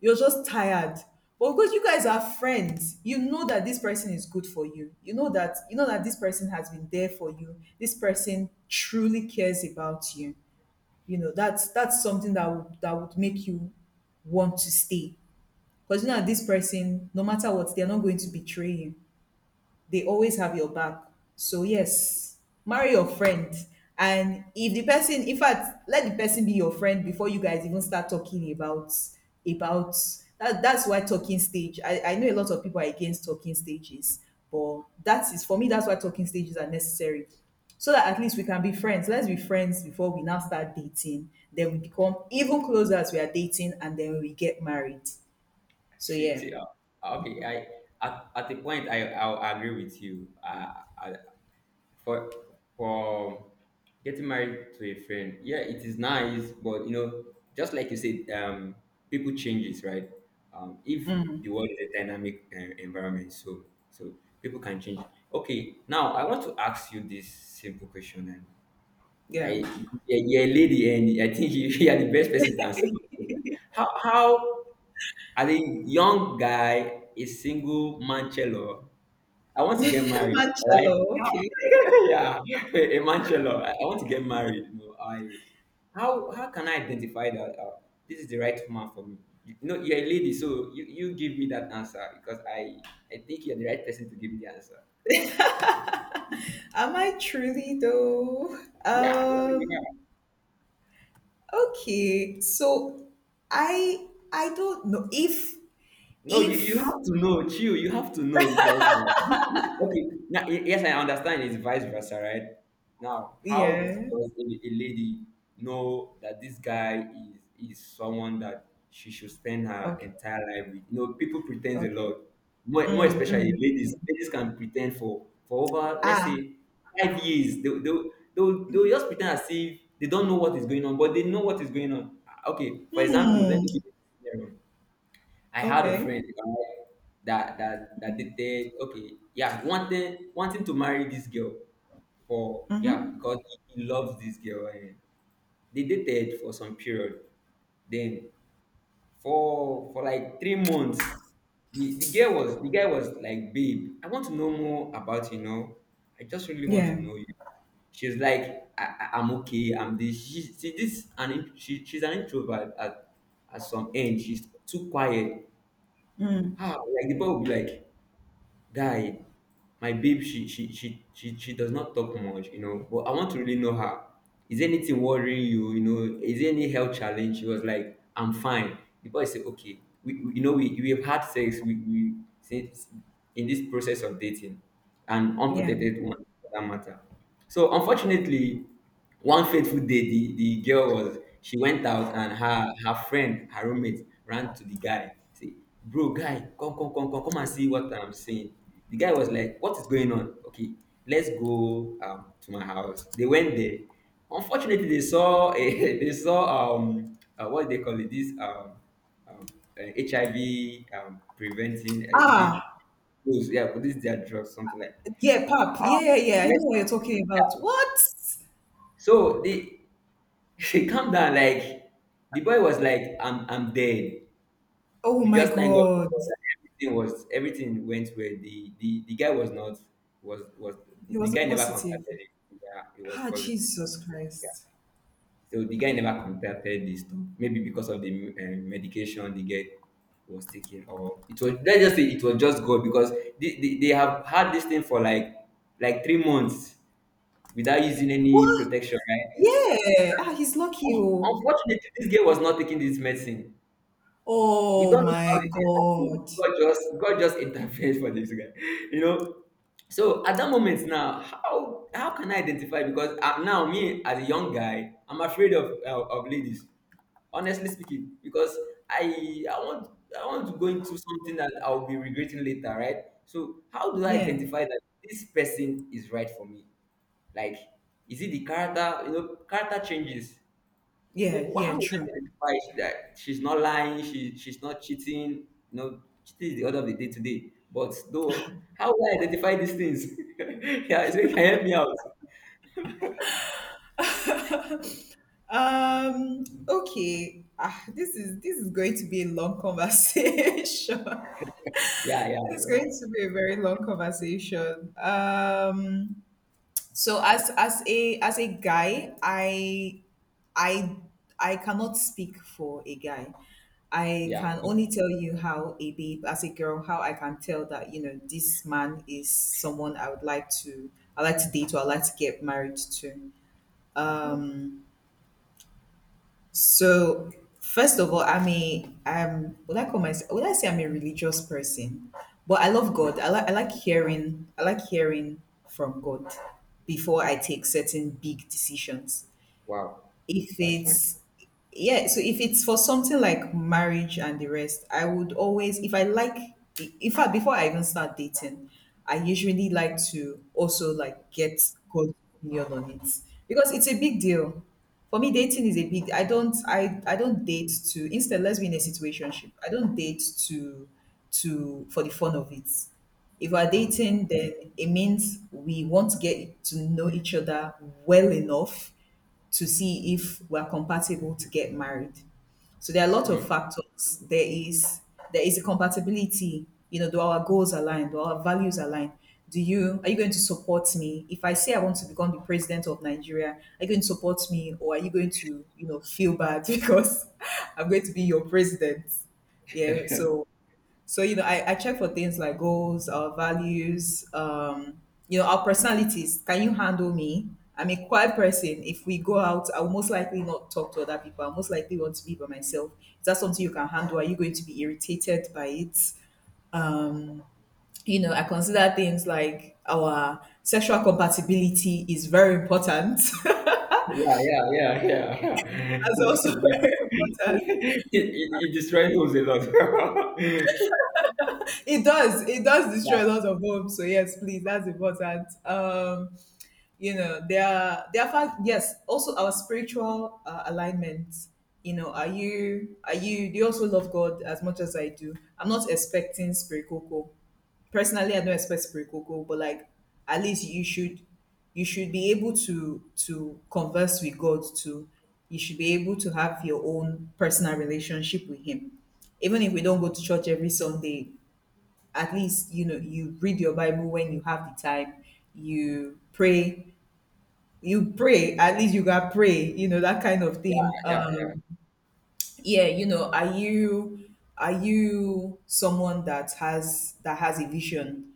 Speaker 1: you're just tired. But because you guys are friends, you know that this person is good for you. You know that this person has been there for you. This person truly cares about you. You know, that's something that would make you want to stay. Because you know that this person, no matter what, they're not going to betray you, they always have your back. So yes, marry your friend. And if the person, in fact, let the person be your friend before you guys even start talking about about that. That's why talking stage. I know a lot of people are against talking stages, but that is for me. That's why talking stages are necessary, so that at least we can be friends. Let's be friends before we now start dating. Then we become even closer as we are dating, and then we get married. So
Speaker 2: see
Speaker 1: yeah,
Speaker 2: see okay, I at the point I will agree with you, for for getting married to a friend, yeah, it is nice, but you know just like you said, um, people changes, right? Um, if the world is a dynamic environment, so so people can change. Okay, now I want to ask you this simple question, and
Speaker 1: yeah.
Speaker 2: i yeah, you're a lady and I think you, *laughs* you are the best person to answer me. How as a young guy a single man cello, I want to get
Speaker 1: *laughs*
Speaker 2: married, right?
Speaker 1: Marcello, okay.
Speaker 2: *laughs* Yeah, a Manchelo. I want to get married. No, I how can I identify that this is the right man for me? You know, you're a lady, so you give me that answer because I think you're the right person to give me the answer.
Speaker 1: Am I truly though?
Speaker 2: Yeah, yeah,
Speaker 1: Um,
Speaker 2: yeah.
Speaker 1: okay. So I don't know if
Speaker 2: No, you
Speaker 1: if
Speaker 2: have to know, chill. You have to know because okay, now yes, I understand it's vice versa, right? Now, how
Speaker 1: yeah.
Speaker 2: does a lady know that this guy is someone that she should spend her
Speaker 1: Okay.
Speaker 2: entire life with? You know, people pretend a
Speaker 1: Okay.
Speaker 2: lot, more especially
Speaker 1: Yeah.
Speaker 2: ladies. Ladies can pretend for over, let's
Speaker 1: Ah.
Speaker 2: say, 5 years. They'll just pretend as if they don't know what is going on, but they know what is going on. Ah, okay, for example, let
Speaker 1: Hmm.
Speaker 2: me give you a scenario. I had a
Speaker 1: Okay.
Speaker 2: friend right, that dated okay, yeah, wanted wanting to marry this girl for yeah,
Speaker 1: Mm-hmm.
Speaker 2: because he loves this girl and they dated for some period. Then for like 3 months, the girl was the guy was like, babe, I want to know more about, you know. I just really want to
Speaker 1: Yeah.
Speaker 2: know you. She's like, I'm okay. I'm this. She's an introvert at some end. She's too quiet. Like the boy will be like, guy my babe, she does not talk much, you know, but I want to really know her. Is anything worrying you? You know, is there any health challenge? She was like, I'm fine. The boy said, okay, we you know we have had sex, we since in this process of dating, and
Speaker 1: Yeah.
Speaker 2: unprotected one for that matter. So unfortunately, one fateful day, the girl was she went out, and her friend, her roommate, ran to the guy. Say, bro, guy, come, come, come, come, come and see what I'm saying. The guy was like, what is going on? Okay, let's go to my house. They went there. Unfortunately, they saw a *laughs* they saw what do they call it? This um HIV preventing, is it?
Speaker 1: Ah.
Speaker 2: Yeah, but this is their drugs, something like.
Speaker 1: Yeah, Pap. Yeah, yeah, yeah. I know
Speaker 2: Mess-
Speaker 1: what you're talking about. What?
Speaker 2: So they *laughs* calm down. Like the boy was like, I'm dead.
Speaker 1: Oh
Speaker 2: We
Speaker 1: my
Speaker 2: just thank God for
Speaker 1: God.
Speaker 2: God that everything went well. The guy was not, was was
Speaker 1: He
Speaker 2: the guy
Speaker 1: wasn't
Speaker 2: never
Speaker 1: positive.
Speaker 2: contacted it. Yeah, it was
Speaker 1: Ah,
Speaker 2: positive.
Speaker 1: Jesus Christ.
Speaker 2: So the guy never contacted this store. Maybe because of the medication the guy was taking, or it was, let's just say it was just God, because they have had this thing for like 3 months without using any
Speaker 1: What?
Speaker 2: protection, right?
Speaker 1: Yeah. Ah, he's lucky. Oh.
Speaker 2: Unfortunately, this guy was not taking this medicine. We
Speaker 1: Oh
Speaker 2: don't know how
Speaker 1: my
Speaker 2: this thing
Speaker 1: God.
Speaker 2: God just interfered for this guy, *laughs* you know. So at that moment now, how can I identify? Because now me as a young guy, I'm afraid of ladies. Honestly speaking, because I I want I want to go into something that I'll be regretting later, right? So how do I
Speaker 1: Yeah.
Speaker 2: identify that this person is right for me? Like, is it the character? You know, character changes.
Speaker 1: Yeah, yeah,
Speaker 2: How would I
Speaker 1: true.
Speaker 2: identify that she's not lying, she's not cheating? No, cheating is the order of the day today. But though, how would I identify these things? *laughs* Yeah, so you can help me out.
Speaker 1: Okay. This is going to be a long conversation. *laughs*
Speaker 2: Yeah, yeah,
Speaker 1: This is going to be a very long conversation. So, as a guy, i I cannot speak for a guy. I
Speaker 2: yeah.
Speaker 1: can only tell you how a babe, as a girl, how I can tell that, you know, this man is someone I like to date, or I like to get married to. Um, so, first of all, I'm a I'm would I say I'm a religious person? But I love
Speaker 2: Okay.
Speaker 1: God. I like hearing from God before I take certain big decisions.
Speaker 2: Wow,
Speaker 1: If
Speaker 2: that's fine.
Speaker 1: it's Yeah, so if it's for something like marriage and the rest, I would always if I like in fact, before I even start dating, I usually like to also, like, get God's opinion on it, because it's a big deal. For me, dating is a big— I don't date to, instead let's be in a situationship. I don't date to, for the fun of it. If we're
Speaker 2: Wow.
Speaker 1: dating, then it means we want to get to know each other well enough to see if we're compatible to get married. So there are a lot of
Speaker 2: Hmm.
Speaker 1: factors. There is a compatibility. You know, do our goals align? Do our values align? Do you Are you going to support me? If I say I want to become the president of Nigeria, are you going to support me, or are you going to, you know, feel bad *laughs* because I'm going to be your president? Yeah. So, you know, I check for things like goals, values, you know, our personalities. Can you handle me? I'm a quiet person. If we go out, I'll most likely not talk to other people. I'll most likely want to be by myself. Is that something you can handle? Are you going to be irritated by it? You know, I consider things like our sexual compatibility is very important. *laughs*
Speaker 2: Yeah, yeah, yeah, yeah, yeah. *laughs*
Speaker 1: That's
Speaker 2: yeah.
Speaker 1: also
Speaker 2: *laughs*
Speaker 1: *laughs* very important.
Speaker 2: It destroys homes a lot. *laughs*
Speaker 1: It does. It does
Speaker 2: Yeah,
Speaker 1: destroy a lot of homes. So yes, please, that's important. You know, there are fact yes, also our spiritual alignment. You know, are you do you also love God as much as I do? I'm not expecting spiritual. Personally, I don't expect spiritual, but, like, at least you should be able to converse with God too. You should be able to have your own personal relationship with Him, even if we don't go to church every Sunday. At least, you know, you read your Bible when you have the time, you pray you pray, at least you got pray, you know, that kind of
Speaker 2: yeah,
Speaker 1: thing.
Speaker 2: yeah, yeah.
Speaker 1: Yeah, you know, are you someone that has a vision?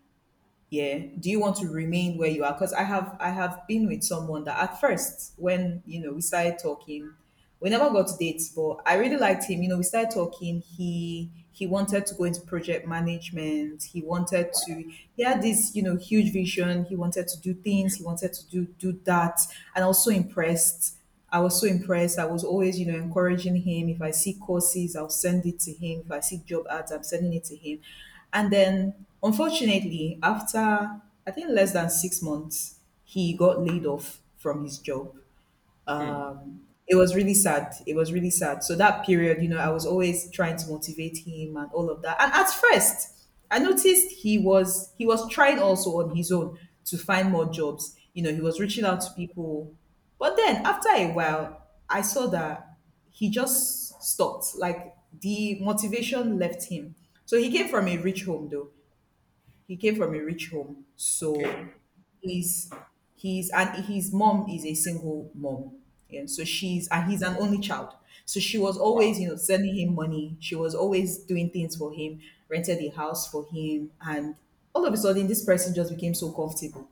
Speaker 1: Yeah, do you want to remain where you are? Because I have been with someone that, at first, when, you know, we started talking— we never got to dates, but I really liked him. You know, we started talking, he wanted to go into project management. He wanted to He had this, you know, huge vision. He wanted to do things, he wanted to do that. And I was so impressed I was so impressed. I was always, you know, encouraging him. If I see courses, I'll send it to him. If I see job ads, I'm sending it to him. And then, unfortunately, after I think less than 6 months, he got laid off from his job.
Speaker 2: Hmm.
Speaker 1: It was really sad. It was really sad. So that period, you know, I was always trying to motivate him and all of that. And at first, I noticed he was trying also on his own to find more jobs. You know, he was reaching out to people. But then after a while, I saw that he just stopped. Like, the motivation left him. So he came from a rich home, though. He came from a rich home, so
Speaker 2: Okay.
Speaker 1: he's he's and his mom is a single mom, and so she's and he's an only child. So she was always,
Speaker 2: Wow.
Speaker 1: you know, sending him money. She was always doing things for him, rented a house for him, and all of a sudden, this person just became so comfortable.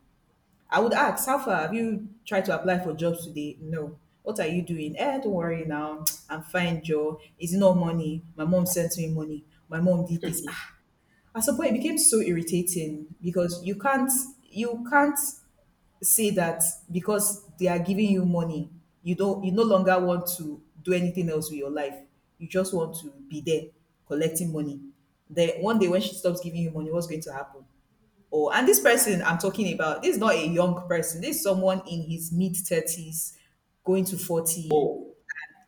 Speaker 1: I would ask, how far, have you tried to apply for jobs today? No. What are you doing? Eh, don't worry now. *tsk* I'm fine, Joe. Is it not money? My mom sent me money. My mom did this. Ah, at some point, it became so irritating, because you can't say that, because they are giving you money, you no longer want to do anything else with your life. You just want to be there collecting money. Then one day when she stops giving you money, what's going to happen? Oh, and this person I'm talking about, this is not a young person. This is someone in his mid 30s, going to 40.
Speaker 2: Oh.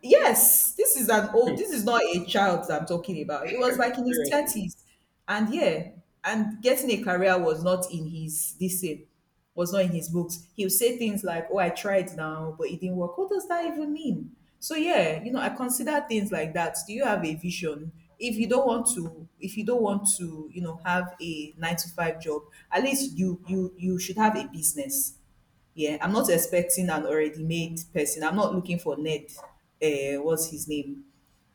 Speaker 1: Yes, this is not a child that I'm talking about. He
Speaker 2: *laughs*
Speaker 1: was like in his
Speaker 2: Seriously.
Speaker 1: 30s. And, yeah, and getting a career was not in his, this thing, was not in his books. He'll say things like, oh, I tried now, but it didn't work. What does that even mean? So yeah, you know, I consider things like that. Do you have a vision? If you don't want to, you know, have a 9-to-5 job, at least you should have a business. Yeah, I'm not expecting an already made person. I'm not looking for Ned. What's his name?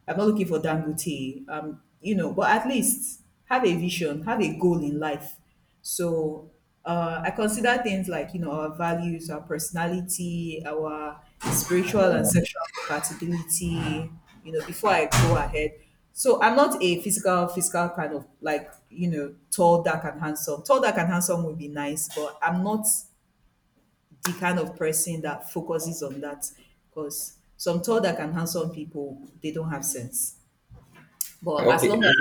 Speaker 1: I'm not looking for Dangote. You know, but at least have a vision, have a goal in life. So I consider things like, you know, our values, our personality, our spiritual and sexual compatibility. You know, before I go ahead. So I'm not a physical, kind of, like, you know, tall, dark, and handsome. Tall, dark, and handsome would be nice, but I'm not the kind of person that focuses on that, because some thought that can harm some people, they don't have sense. But
Speaker 2: Okay.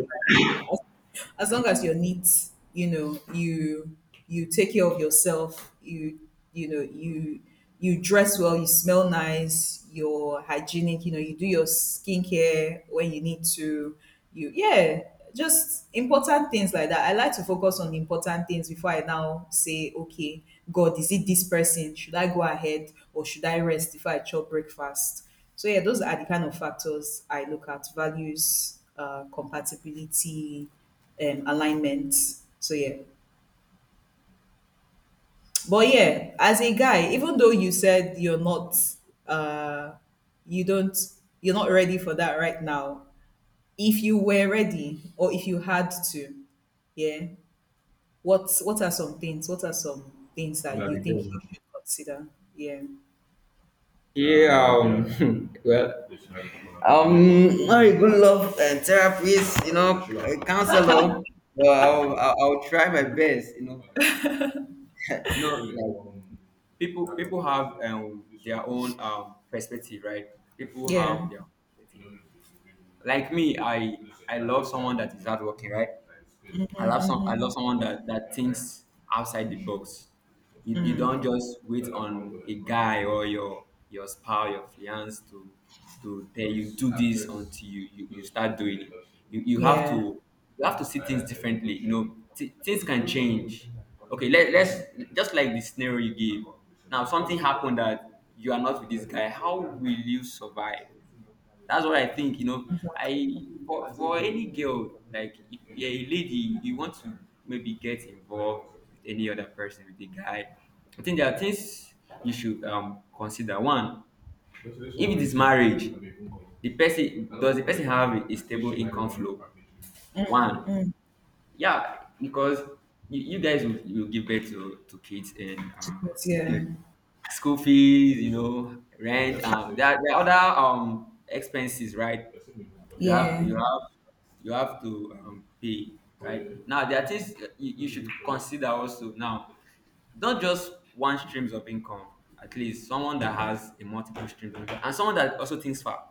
Speaker 1: as long as you're neat, you know, you take care of yourself, you know, you dress well, you smell nice, you're hygienic, you know, you do your skincare when you need to. You Yeah, just important things like that. I like to focus on important things before I now say, okay, God, is it this person? Should I go ahead, or should I rest before I chop breakfast? So yeah, those are the kind of factors I look at: values, compatibility, alignment. So yeah, but yeah, as a guy, even though you said you're not, uh, you don't, you're not ready for that right now. If you were ready, or if you had to, yeah, what are some things? What are some things that you think you should consider? Yeah,
Speaker 2: Yeah, *laughs* well, I would love a therapist, you know, a counselor. Well, I'll try my best, you know. No, like, people have their own perspective, right? People
Speaker 1: yeah,
Speaker 2: have their perspective. Like me, I love someone that is hardworking, right? I love someone that thinks outside the box. You don't just wait on a guy or your spouse, your fiance to tell you do this until you start doing it. You have
Speaker 1: yeah,
Speaker 2: to see things differently. You know things can change. Okay, let's just like the scenario you gave. Now something happened that you are not with this guy. How will you survive? That's what I think, you know.
Speaker 1: exactly.
Speaker 2: I For any girl, like if you're a lady, you want to maybe get involved with any other person, with a guy. I think there are things you should consider. One, if it is marriage, the person have a stable income flow? One, yeah, because you guys will give birth to kids and
Speaker 1: Yeah,
Speaker 2: *laughs* school fees, you know, rent. There are other expenses, right? You have
Speaker 1: yeah,
Speaker 2: you have you have to pay, right? Now there are things you should consider also. Now, not just one streams of income. At least someone that has a multiple streams of income, and someone that also thinks far,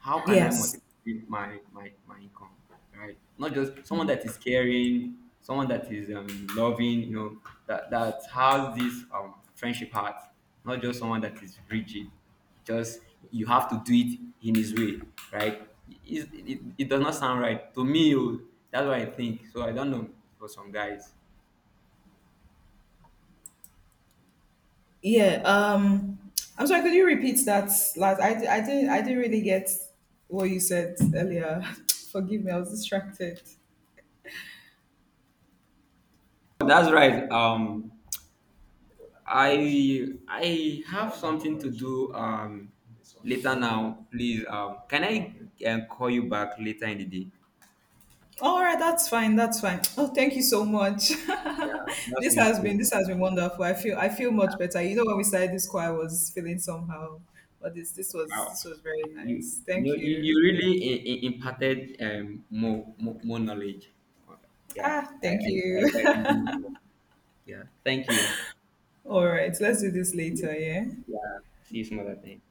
Speaker 2: how can I multiply
Speaker 1: yes.
Speaker 2: my income, right? Not just someone that is caring, someone that is loving, you know, that has this friendship heart. Not just someone that is rigid. Just you have to do it in his way, right? It does not sound right to me. Oh, That's what I think. So I don't know for some guys.
Speaker 1: Yeah. I'm sorry. Could you repeat that last? I didn't. I didn't really get what you said earlier. *laughs* *tsk* Forgive me. I was distracted.
Speaker 2: That's right. I have something to do later now. Please, can I call you back later in the day?
Speaker 1: All right. That's fine. That's fine. Oh, thank you so much. *laughs*
Speaker 2: That's really cool.
Speaker 1: This has been wonderful. I feel much better. You know, when we started this call, I was feeling somehow, but this. This was.
Speaker 2: Wow,
Speaker 1: this was very
Speaker 2: you
Speaker 1: nice.
Speaker 2: you
Speaker 1: Thank
Speaker 2: you you
Speaker 1: you.
Speaker 2: really imparted more, more knowledge. Yeah, I
Speaker 1: Thank
Speaker 2: I,
Speaker 1: you.
Speaker 2: I really- yeah. Thank you.
Speaker 1: *laughs* All right. Let's do this later. Yeah.
Speaker 2: Yeah, see you some other time.